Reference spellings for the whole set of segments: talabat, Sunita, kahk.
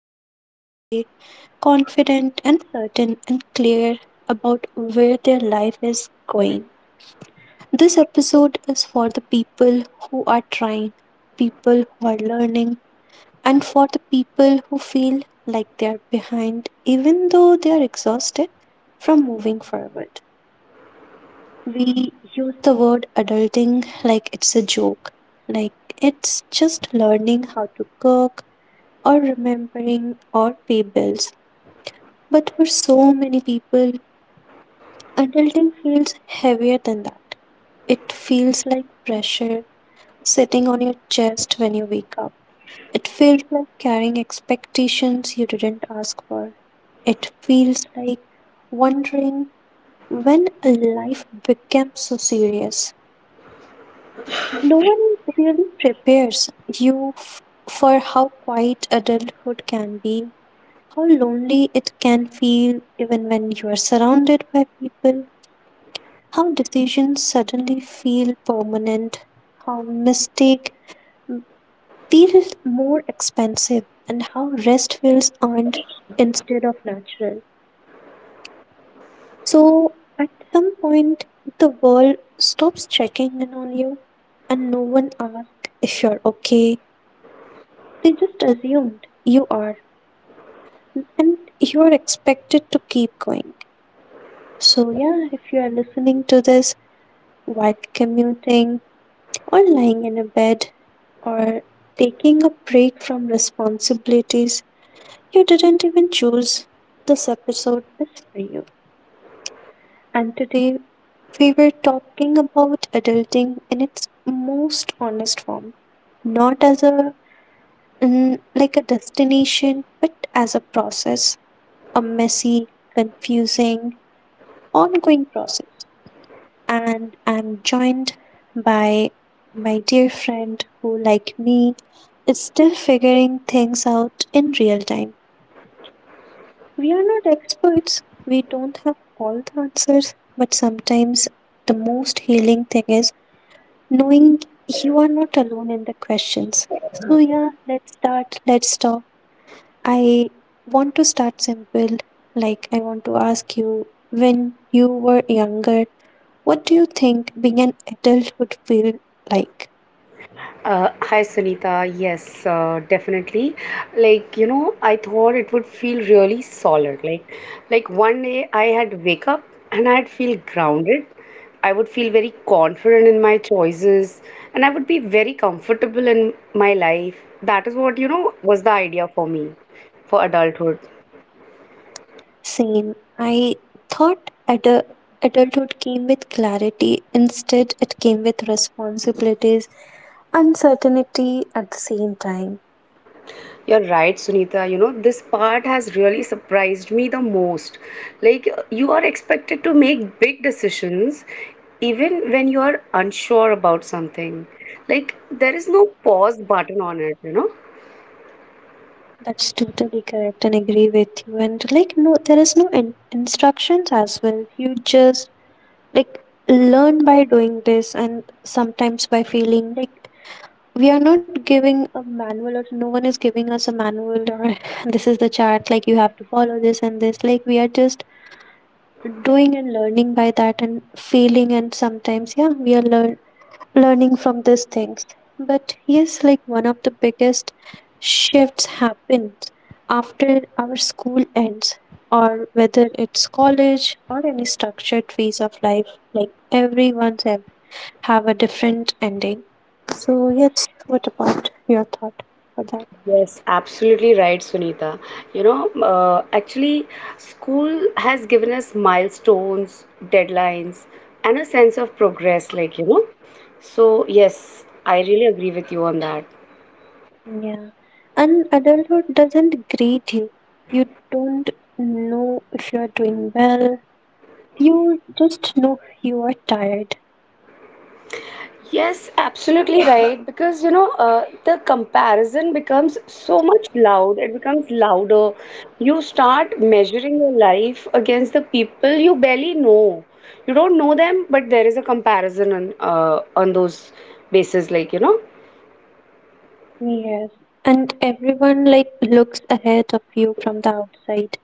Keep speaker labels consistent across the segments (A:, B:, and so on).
A: up every day confident and certain and clear about where their life is going. This episode is for the people who are trying, people who are learning, and for the people who feel like they are behind, even though they are exhausted from moving forward. We use the word adulting like it's a joke, like it's just learning how to cook or remembering or pay bills. But for so many people, adulting feels heavier than that. It feels like pressure sitting on your chest when you wake up. It feels like carrying expectations you didn't ask for. It feels like wondering when life becomes so serious. No one really prepares you for how quiet adulthood can be, how lonely it can feel even when you are surrounded by people, how decisions suddenly feel permanent, how mistake feels more expensive, and how rest feels earned instead of natural. So, at some point, the world stops checking in on you and no one asks if you're okay. They just assumed you are and you are expected to keep going. So, yeah, if you are listening to this while commuting or lying in a bed or taking a break from responsibilities, you didn't even choose, this episode is for you. And today we were talking about adulting in its most honest form, not as a like a destination, but as a process, a messy, confusing, ongoing process. And I'm joined by my dear friend who, like me, is still figuring things out in real time. We are not experts, we don't have all the answers, but sometimes the most healing thing is knowing you are not alone in the questions. So, yeah, let's start. Let's talk. I want to start simple. Like, I want to ask you when you were younger, what do you think being an adult would feel like?
B: Hi Sunita. Yes, definitely. Like, you know, I thought it would feel really solid. Like, one day I had wake up and I'd feel grounded. I would feel very confident in my choices and I would be very comfortable in my life. That is what, you know, was the idea for me for adulthood.
A: Same. I thought adulthood came with clarity, instead, it came with responsibilities, uncertainty at the same time.
B: You're right, Sunita. You know, this part has really surprised me the most. Like, you are expected to make big decisions even when you are unsure about something. Like, there is no pause button on it, you know?
A: That's totally correct and agree with you. And like, no, there is no instructions as well. You just like learn by doing this and sometimes by failing. Like, we are not giving a manual or no one is giving us a manual or this is the chart, like, you have to follow this and this. Like, we are just doing and learning by that and failing. And sometimes, yeah, we are learning from these things. But yes, like one of the biggest shifts happens after our school ends, or whether it's college or any structured phase of life, like everyone's have a different ending. So, yes, what about your thought for that?
B: Yes, absolutely right, Sunita. You know, actually, school has given us milestones, deadlines, and a sense of progress, like, you know. So, yes, I really agree with you on that.
A: Yeah. And adulthood doesn't grade you. You don't know if you're doing well. You just know you are tired.
B: Yes, absolutely right. Because you know, the comparison becomes so much loud, it becomes louder. You start measuring your life against the people you barely know. You don't know them, but there is a comparison on those bases, like you know.
A: Yes, and everyone like looks ahead of you from the outside,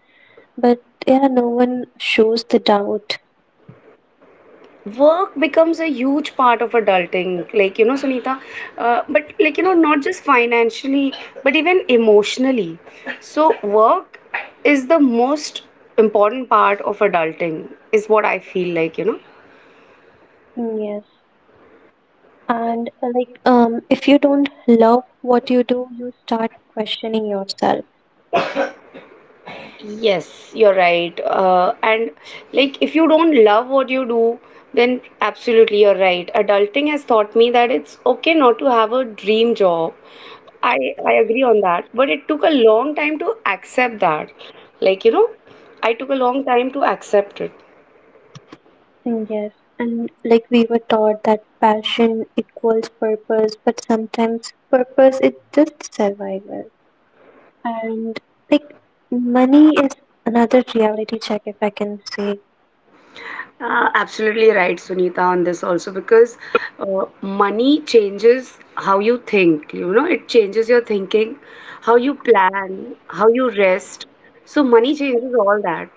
A: but yeah, no one shows the doubt.
B: Work becomes a huge part of adulting, like you know, Sunita. But like you know, not just financially but even emotionally. So work is the most important part of adulting is what I feel, like you know.
A: Yes, and like if you don't love what you do, you start questioning yourself.
B: Yes, you're right. And like, if you don't love what you do, then absolutely you're right. Adulting has taught me that it's okay not to have a dream job. I, I agree on that, but it took a long time to accept that. Like, you know, I took a long time to accept it.
A: Yes, and like we were taught that passion equals purpose, but sometimes purpose is just survival. And like money is another reality check, if I can say.
B: Absolutely right, Sunita, on this also because money changes how you think, you know, it changes your thinking, how you plan, how you rest. So, money changes all that.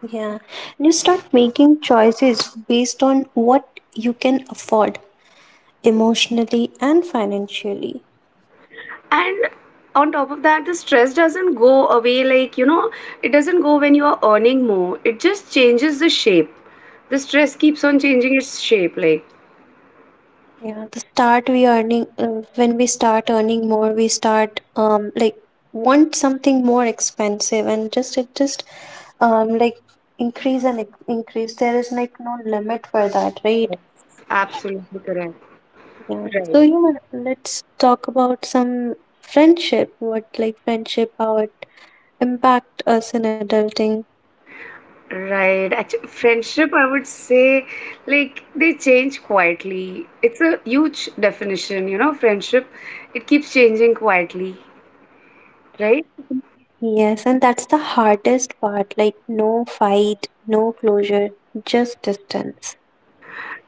A: Yeah, and you start making choices based on what you can afford emotionally and financially.
B: And on top of that, the stress doesn't go away, like you know. It doesn't go when you're earning more, it just changes the shape. The stress keeps on changing its shape, like.
A: Yeah, the start we earning when we start earning more, we start like want something more expensive and just it just like increase and increase. There is like no limit for that, right?
B: Yes, absolutely correct.
A: Yeah. So
B: Right.
A: you know, let's talk about some friendship. What like friendship, how it impact us in adulting.
B: Right, actually friendship I would say, like they change quietly. It's a huge definition, you know, friendship. It keeps changing quietly. Right.
A: Yes, and that's the hardest part like, no fight, no closure, just distance.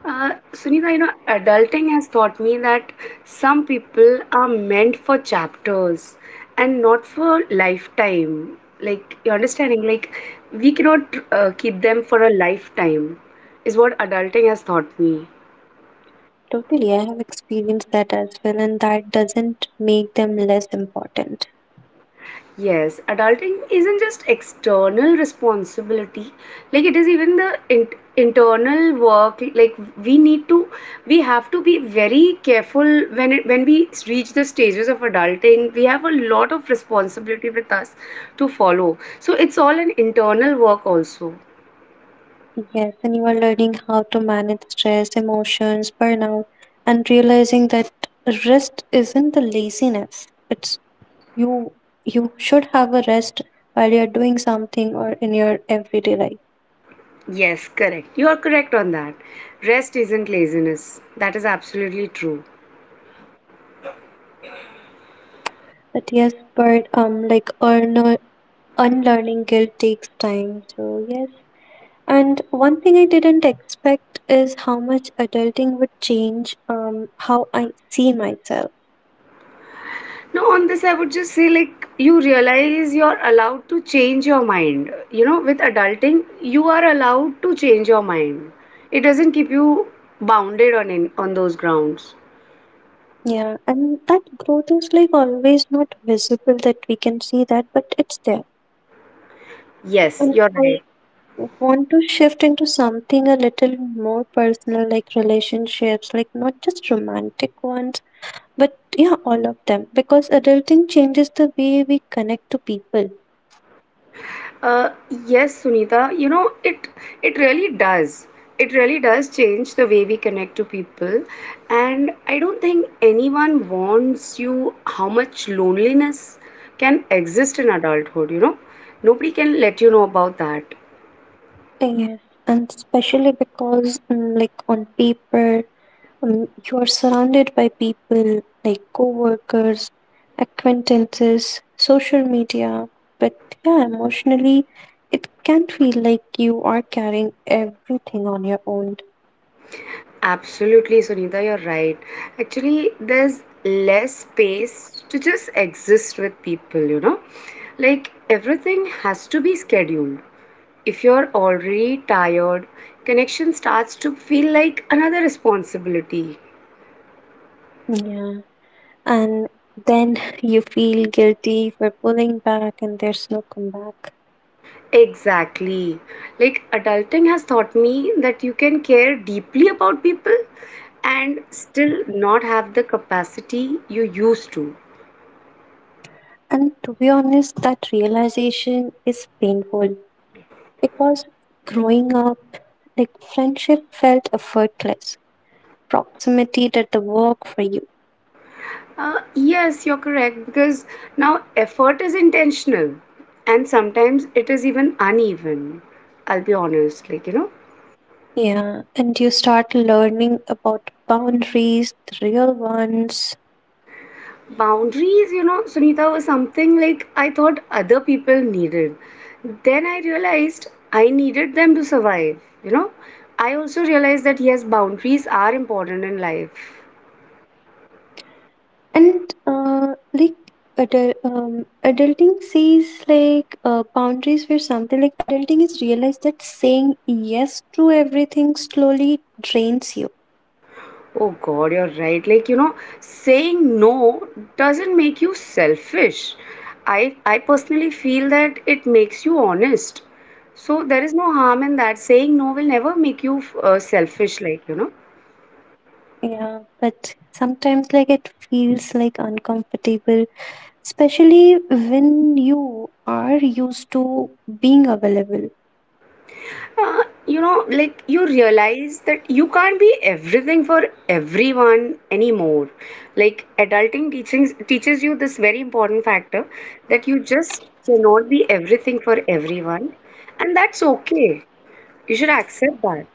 B: Sunita, you know, adulting has taught me that some people are meant for chapters and not for lifetime. Like, you're understanding? Like, we cannot keep them for a lifetime, is what adulting has taught me.
A: Totally, I have experienced that as well, and that doesn't make them less important.
B: Yes, adulting isn't just external responsibility, like it is even the internal work. Like we need to, we have to be very careful when it when we reach the stages of adulting. We have a lot of responsibility with us to follow. So it's all an internal work also.
A: Yes, and you are learning how to manage stress, emotions, burnout, and realizing that rest isn't the laziness. It's you, you should have a rest while you're doing something or in your everyday life.
B: Yes, correct. You are correct on that. Rest isn't laziness. That is absolutely true.
A: But yes, but like earner unlearning guilt takes time. So, yes. And one thing I didn't expect is how much adulting would change how I see myself.
B: No, on this, I would just say, like, you realize you're allowed to change your mind. You know, with adulting, you are allowed to change your mind. It doesn't keep you bounded on those grounds.
A: Yeah. And that growth is like always not visible that we can see that, but it's there.
B: Yes,
A: And
B: you're
A: I
B: right.
A: want to shift into something a little more personal, like relationships, like not just romantic ones, but yeah, all of them. Because adulting changes the way we connect to people.
B: Uh, yes, Sunita, you know, it really does. It really does change the way we connect to people. And I don't think anyone warns you how much loneliness can exist in adulthood, you know. Nobody can let you know about that.
A: Yes, and especially because, like on paper, you are surrounded by people like coworkers, acquaintances, social media, but yeah, emotionally, it can feel like you are carrying everything on your own.
B: Absolutely, Sunita, you're right. Actually, there's less space to just exist with people, you know? Like, everything has to be scheduled. If you're already tired, connection starts to feel like another responsibility.
A: Yeah, and then you feel guilty for pulling back, and there's no comeback.
B: Exactly. Like, adulting has taught me that you can care deeply about people and still not have the capacity you used to.
A: And to be honest, that realization is painful. Because growing up, like friendship felt effortless, proximity did the work for you.
B: Yes, you're correct because now effort is intentional and sometimes it is even uneven. I'll be honest, like, you know,
A: Yeah, and you start learning about boundaries, the real ones,
B: boundaries, you know, Sunita, was something like I thought other people needed. Then I realized I needed them to survive, you know. I also realized that yes, boundaries are important in life.
A: and like adulting sees like boundaries were something like adulting is realized that saying yes to everything slowly drains you.
B: Oh God, you're right. Like, you know, saying no doesn't make you selfish. I personally feel that it makes you honest. So there is no harm in that. Saying no will never make you selfish, like, you know.
A: Yeah, but sometimes like it feels like uncomfortable especially when you are used to being available.
B: You know, like you realize that you can't be everything for everyone anymore. Like adulting teachings teaches you this very important factor that you just cannot be everything for everyone, and that's okay. You should accept that.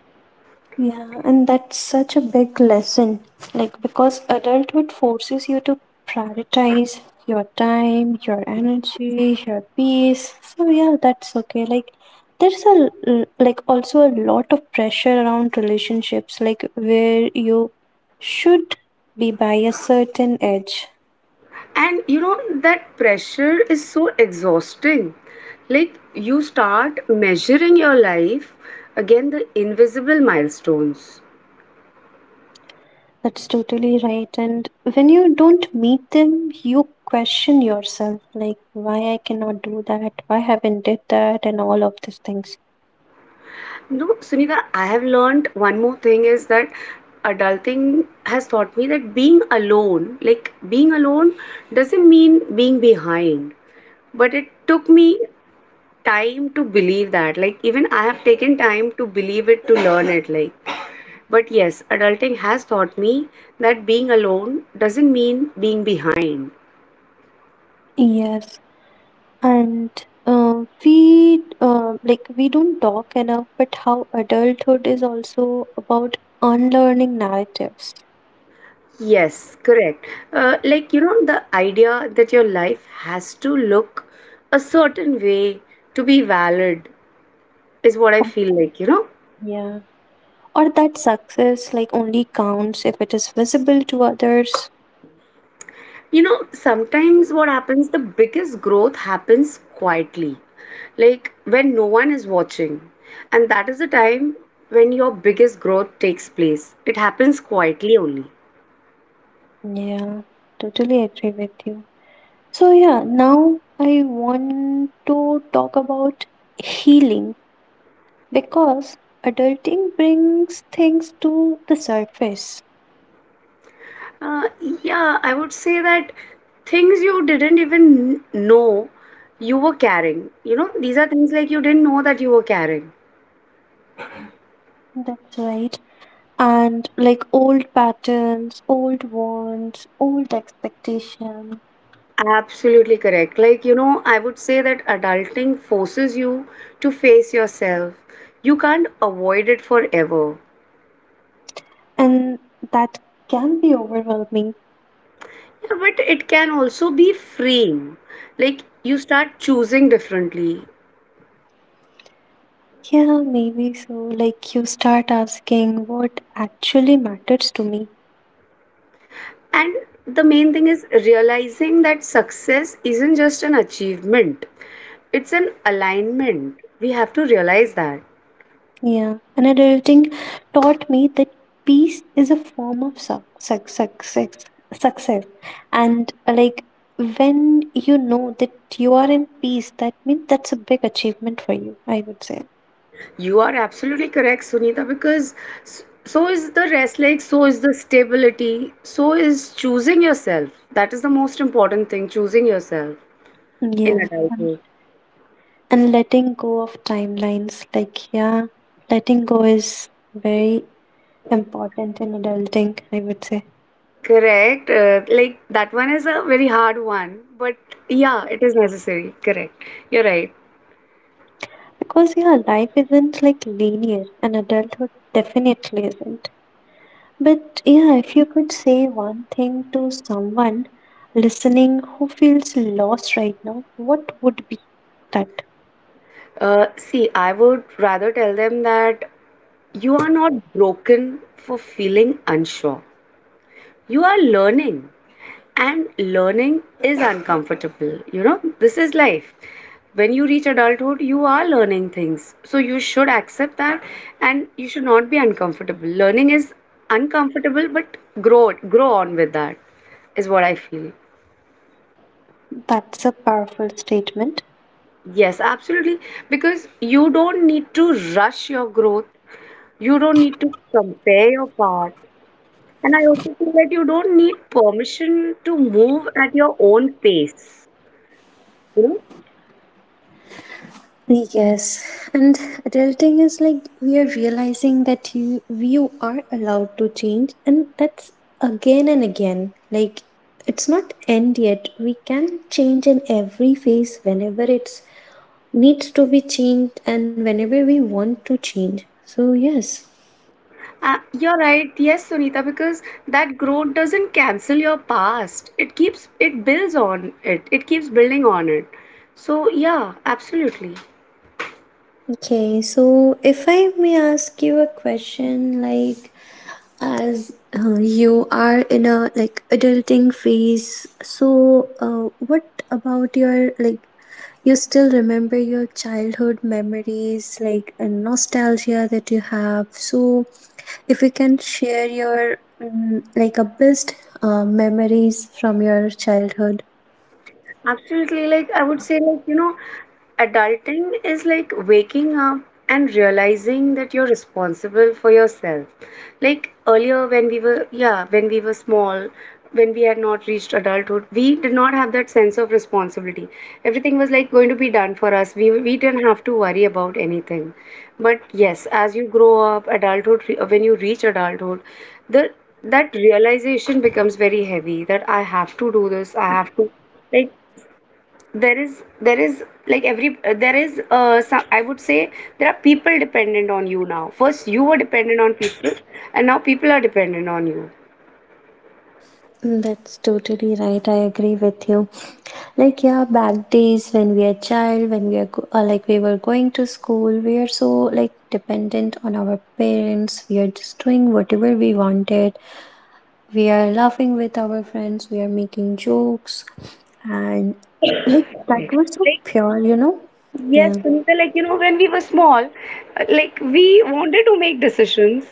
A: Yeah, and that's such a big lesson. Like, because adulthood forces you to prioritize your time, your energy, your peace. So, yeah, that's okay. Like, there's a like also a lot of pressure around relationships, like where you should be by a certain age.
B: And you know, that pressure is so exhausting. Like, you start measuring your life again the invisible milestones.
A: That's totally right. And when you don't meet them, you question yourself, like why I cannot do that, why haven't did that, and all of these things.
B: No, Sunita, I have learned one more thing is that adulting has taught me that being alone, like being alone, doesn't mean being behind. But it took me time to believe that. Like, even I have taken time to believe it, to learn it. Like, but yes, adulting has taught me that being alone doesn't mean being behind.
A: Yes, and we like we don't talk enough, but how adulthood is also about unlearning narratives.
B: Yes, correct. Like, you know, the idea that your life has to look a certain way to be valid is what I
A: Oh,
B: feel, like you know.
A: yeah, or that success like only counts if it is visible to others.
B: You know, sometimes what happens, the biggest growth happens quietly, like when no one is watching. And that is the time when your biggest growth takes place. It happens quietly only.
A: Yeah, totally agree with you. So, yeah, now I want to talk about healing because adulting brings things to the surface.
B: Uh, yeah, I would say that things you didn't even know you were carrying. You know, these are things like you didn't know that you were carrying.
A: That's right. And like old patterns, old wants, old expectations,
B: Absolutely correct. Like, you know, I would say that adulting forces you to face yourself. You can't avoid it forever.
A: and that can be overwhelming.
B: Yeah, but it can also be freeing. Like, you start choosing differently.
A: Yeah, maybe so. Like you start asking what actually matters to me.
B: And the main thing is realizing that success isn't just an achievement. It's an alignment. We have to realize that.
A: Yeah, and adulting taught me that peace is a form of success, success. And like when you know that you are in peace, that means that's a big achievement for you, I would say.
B: You are absolutely correct, Sunita, because so is the rest leg, so is the stability, so is choosing yourself. That is the most important thing, choosing yourself in
A: Yeah,
B: adulthood.
A: and letting go of timelines, like, yeah, letting go is very important in adulting, I would say.
B: Correct. Like that one is a very hard one, but yeah, it is necessary. Correct. You're right.
A: Because, yeah, life isn't like linear, and adulthood definitely isn't. But yeah, if you could say one thing to someone listening who feels lost right now, what would be that?
B: See, I would rather tell them that you are not broken for feeling unsure. You are learning. And learning is uncomfortable, you know. This is life. When you reach adulthood, you are learning things, so you should accept that and you should not be uncomfortable. Learning is uncomfortable, but grow on with that is what I feel.
A: That's a powerful statement.
B: Yes, absolutely. Because you don't need to rush your growth, you don't need to compare your path, and I also feel that you don't need permission to move at your own pace, you know.
A: Yes, and adulting is like we are realizing that you are allowed to change, and that's again and again. Like it's not end yet. We can change in every phase whenever it's needs to be changed and whenever we want to change. So yes.
B: You're right. Yes, Sunita, because that growth doesn't cancel your past. It builds on it. It keeps building on it. So, yeah, absolutely.
A: Okay, so if I may ask you a question, like as you are in a like adulting phase, so what about your like you still remember your childhood memories, like a nostalgia that you have? So if you can share your like a best memories from your childhood.
B: Absolutely. Like, I would say, like, you know, adulting is like waking up and realizing that you're responsible for yourself. Like, earlier when we were, yeah, when we were small, when we had not reached adulthood, we did not have that sense of responsibility. Everything was like going to be done for us. We didn't have to worry about anything. But yes, as you grow up, adulthood, when you reach adulthood, the that realization becomes very heavy that I have to do this, I have to. Like there is like every there is some, I would say there are people dependent on you now. First you were dependent on people and now people are dependent on you.
A: That's totally right. I agree with you. Like yeah, back days when we are child, when we are like we were going to school, we are so like dependent on our parents. We are just doing whatever we wanted. We are laughing with our friends. We are making jokes, and like that
B: Right.
A: was so
B: Like
A: pure, you know.
B: yes,
A: Yeah,
B: Sunita, like you know when we were small, like we wanted to make decisions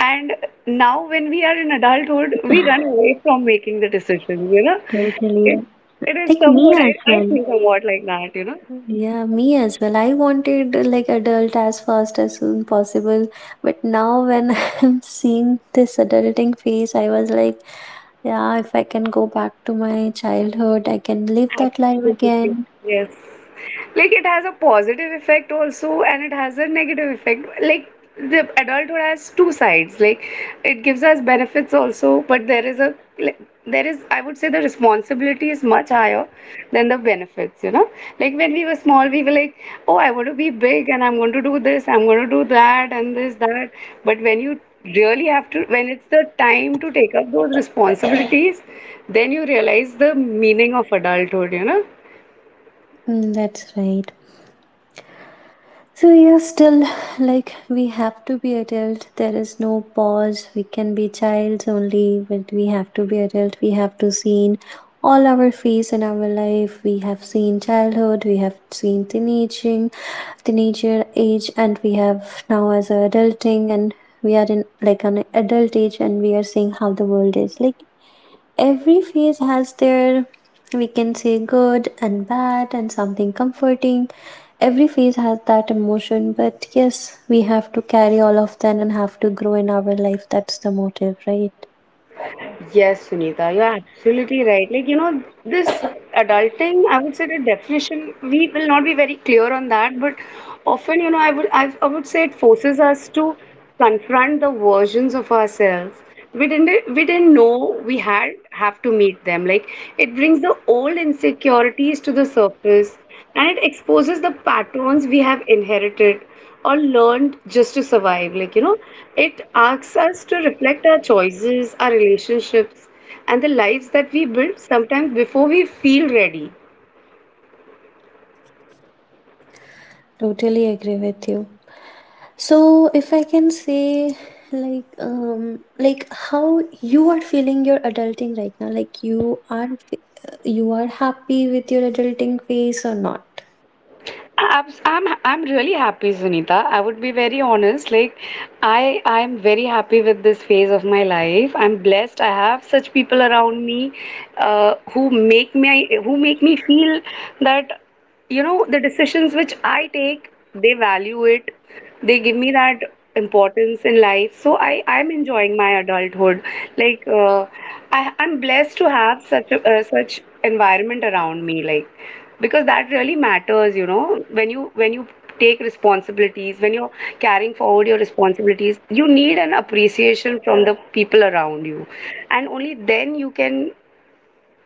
B: and now when we are in adulthood, we run away from making the decisions, you know. It
A: totally.
B: it is
A: Like me
B: somewhat I,
A: as
B: I
A: well.
B: feel somewhat like that, you know.
A: Yeah, me as well. I wanted like adult as fast as soon possible, but now when I'm seeing this adulting phase, I was like, yeah, if I can go back to my childhood, I can live that life
B: Absolutely.
A: again.
B: Yes. Like it has a positive effect also and it has a negative effect, like the adulthood has two sides, like it gives us benefits also but there is a like, there is I would say the responsibility is much higher than the benefits, you know. Like when we were small we were like, oh I want to be big and I'm going to do this, I'm going to do that and this that, but when you really have to, when it's the time to take up those responsibilities, then you realize the meaning of adulthood, you know.
A: Mm, that's right. So yeah, still like we have to be adult. There is no pause. We can be childs only, but we have to be adult. We have to seen all our phase in our life. We have seen childhood. We have seen teenaging, teenager age, and we have now as a adulting, and we are in like an adult age, and we are seeing how the world is like every phase has their, we can say, good and bad and something comforting. Every phase has that emotion, but yes, we have to carry all of them and have to grow in our life. That's the motive, right?
B: Yes, Sunita, you're absolutely right. Like, you know, this adulting, I would say the definition, we will not be very clear on that, but often, you know, I would say it forces us to confront the versions of ourselves. We didn't know we had have to meet them. Like it brings the old insecurities to the surface and it exposes the patterns we have inherited or learned just to survive. Like, you know, it asks us to reflect our choices, our relationships, and the lives that we build sometimes before we feel ready.
A: Totally agree with you. So if I can say, like how you are feeling your adulting right now, like you are happy with your adulting phase or not.
B: I'm really happy, Sunita. I would be very honest. Like, I'm very happy with this phase of my life. I'm blessed. I have such people around me, who make me feel that, you know, the decisions which I take, they value it. They give me that importance in life. So I'm enjoying my adulthood. Like, I'm blessed to have such a, such environment around me. Like because that really matters, you know, when you take responsibilities, when you're carrying forward your responsibilities, you need an appreciation from the people around you and only then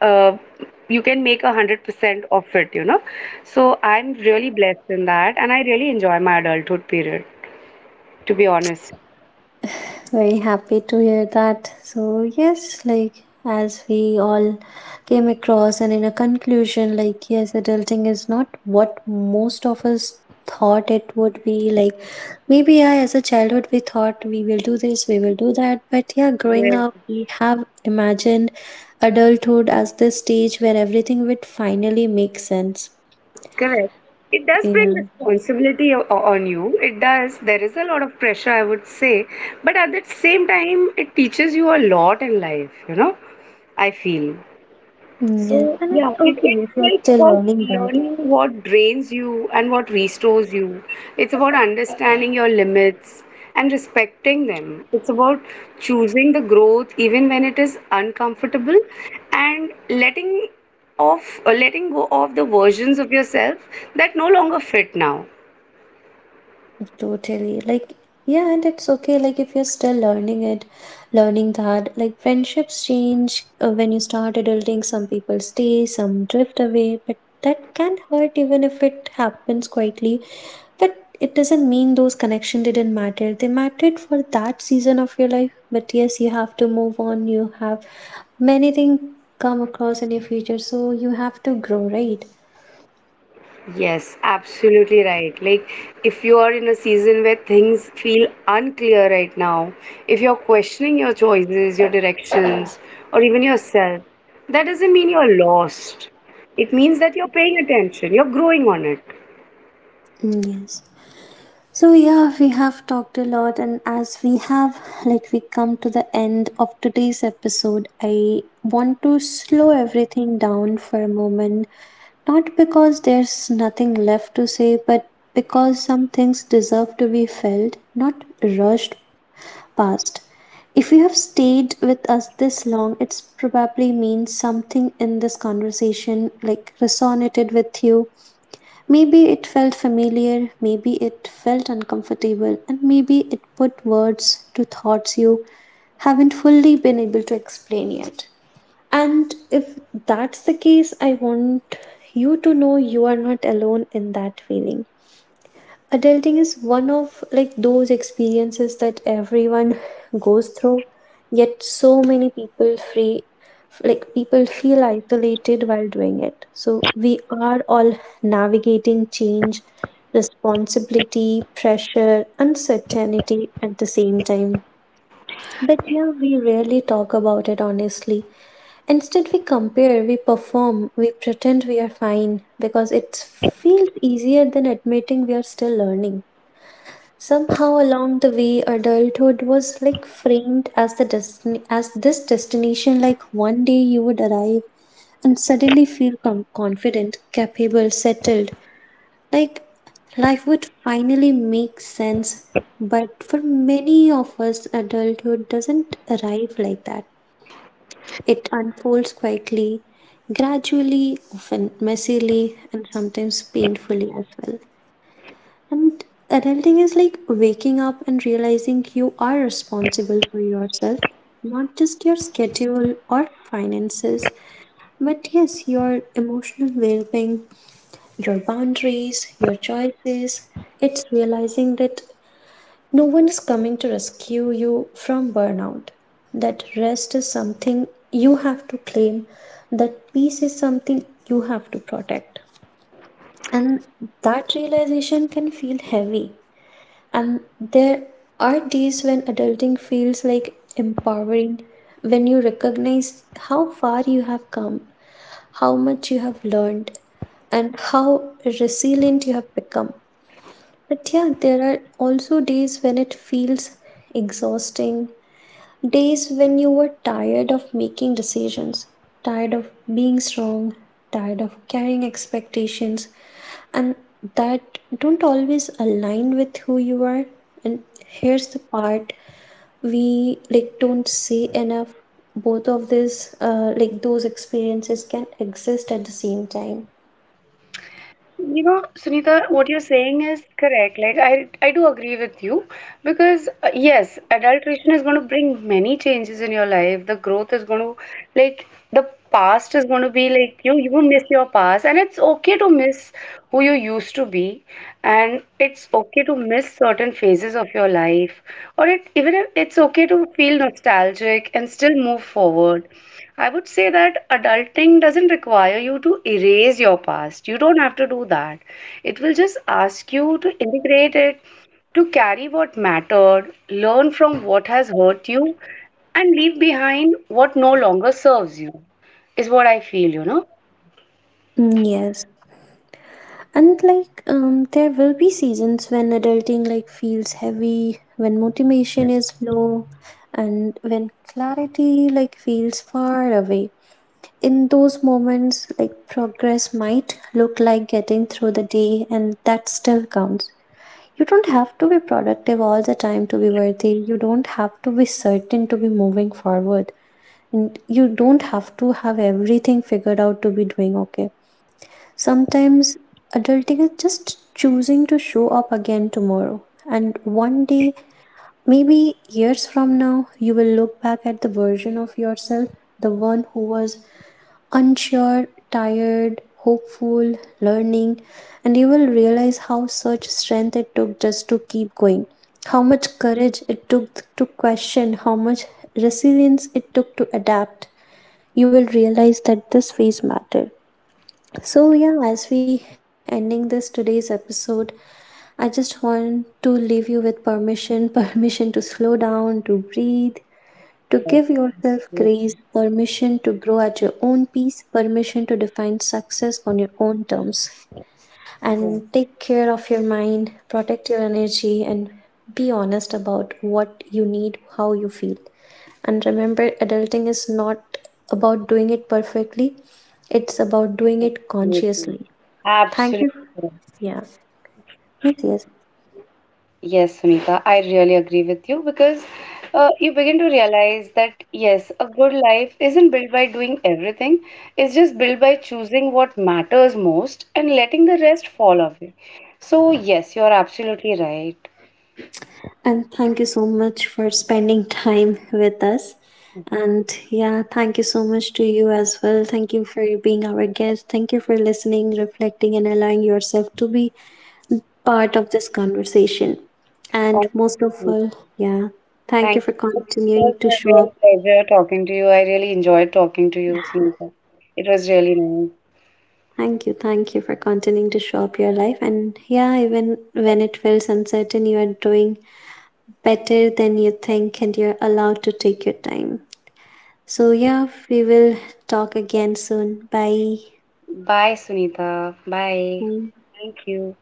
B: uh, you can make 100% of it, you know. So I'm really blessed in that and I really enjoy my adulthood period, to be honest.
A: Very happy to hear that. So, yes, like as we all came across, and in a conclusion, like, yes, adulting is not what most of us thought it would be. Like, maybe I, as a childhood, we thought we will do this, we will do that. But yeah, growing
B: Yeah.
A: up, we have imagined adulthood as this stage where everything would finally make sense.
B: Correct. It does bring
A: Yeah.
B: responsibility on you. It does. There is a lot of pressure, I would say. But at the same time, it teaches you a lot in life, you know, I feel.
A: Mm, yes,
B: So
A: and
B: yeah,
A: it's
B: it,
A: okay if
B: it's
A: you're
B: like
A: still
B: about
A: learning that.
B: learning what drains you and what restores you. It's about understanding your limits and respecting them. It's about choosing the growth even when it is uncomfortable and letting off or letting go of the versions of yourself that no longer fit now.
A: Totally. Like, yeah, and it's okay. Like, if you're still learning it, learning that, like, friendships change when you start adulting. Some people stay, some drift away, but that can hurt even if it happens quietly. But it doesn't mean those connections didn't matter. They mattered for that season of your life. But yes, you have to move on. You have many things come across in your future. So you have to grow, right?
B: Yes, absolutely right. Like, if you are in a season where things feel unclear right now, if you're questioning your choices, your directions, or even yourself, that doesn't mean you're lost. It means that you're paying attention, you're growing on it.
A: Mm, yes. So yeah, we have talked a lot, and as we have, like, we come to the end of today's episode, I want to slow everything down for a moment. Not because there's nothing left to say, but because some things deserve to be felt, not rushed past. If you have stayed with us this long, it's probably means something in this conversation like resonated with you. Maybe it felt familiar, maybe it felt uncomfortable, and maybe it put words to thoughts you haven't fully been able to explain yet. And if that's the case, I want you to know you are not alone in that feeling. Adulting is one of like those experiences that everyone goes through, yet so many people free, like people feel isolated while doing it. So we are all navigating change, responsibility, pressure, uncertainty at the same time, but yeah, we rarely talk about it honestly. Instead, we compare, we perform, we pretend we are fine because it feels easier than admitting we are still learning. Somehow along the way, adulthood was like framed as the destiny, as this destination. Like one day you would arrive and suddenly feel confident, capable, settled. Like life would finally make sense. But for many of us, adulthood doesn't arrive like that. It unfolds quietly, gradually, often messily, and sometimes painfully as well. And adulting is like waking up and realizing you are responsible for yourself, not just your schedule or finances, but yes, your emotional well being, your boundaries, your choices. It's realizing that no one is coming to rescue you from burnout, that rest is something you have to claim, that peace is something you have to protect. And that realization can feel heavy, and there are days when adulting feels like empowering, when you recognize how far you have come, how much you have learned, and how resilient you have become. But yeah, there are also days when it feels exhausting, days when you were tired of making decisions, tired of being strong, tired of carrying expectations, and that don't always align with who you are. And here's the part we like don't say enough: both of these, like, those experiences can exist at the same time.
B: You know, Sunita, what you're saying is correct. Like, I do agree with you because, yes, adulteration is going to bring many changes in your life. The growth is going to, like, the past is going to be like, you will miss your past, and it's okay to miss who you used to be, and it's okay to miss certain phases of your life. Even if it's okay to feel nostalgic and still move forward. I would say that adulting doesn't require you to erase your past. You don't have to do that. It will just ask you to integrate it, to carry what mattered, learn from what has hurt you, and leave behind what no longer serves you, is what I feel, you know?
A: Mm, yes. And like there will be seasons when adulting like feels heavy, when motivation is low, and when clarity like feels far away. In those moments, like progress might look like getting through the day, and that still counts. You don't have to be productive all the time to be worthy. You don't have to be certain to be moving forward. And you don't have to have everything figured out to be doing okay. Sometimes adulting is just choosing to show up again tomorrow. And one day, maybe years from now, you will look back at the version of yourself, the one who was unsure, tired, hopeful, learning, and you will realize how such strength it took just to keep going, how much courage it took to question, how much resilience it took to adapt. You will realize that this phase mattered. So yeah, as we ending this today's episode, I just want to leave you with permission, permission to slow down, to breathe, to give yourself grace, permission to grow at your own pace, permission to define success on your own terms. And take care of your mind, protect your energy, and be honest about what you need, how you feel. And remember, adulting is not about doing it perfectly, it's about doing it
B: Absolutely.
A: consciously. Thank you.
B: Absolutely.
A: Yeah. Yes, yes.
B: Yes, Sunita, I really agree with you because you begin to realize that yes, a good life isn't built by doing everything, it's just built by choosing what matters most and letting the rest fall away. So, yes, you are absolutely right.
A: And thank you so much for spending time with us. And yeah, thank you so much to you as well. Thank you for being our guest. Thank you for listening, reflecting, and allowing yourself to be part of this conversation. And
B: Thank
A: most of
B: you.
A: all, yeah, thank you
B: Thank
A: for
B: you. It
A: continuing
B: was a
A: to show up.
B: real pleasure talking to you. I really enjoyed talking to you, Sunita. It was really nice.
A: Thank you. Thank you for continuing to show up your life. And yeah, even when it feels uncertain, you are doing better than you think and you're allowed to take your time. So, yeah, we will talk again soon. Bye.
B: Bye, Sunita. Bye.
A: Bye.
B: Thank you.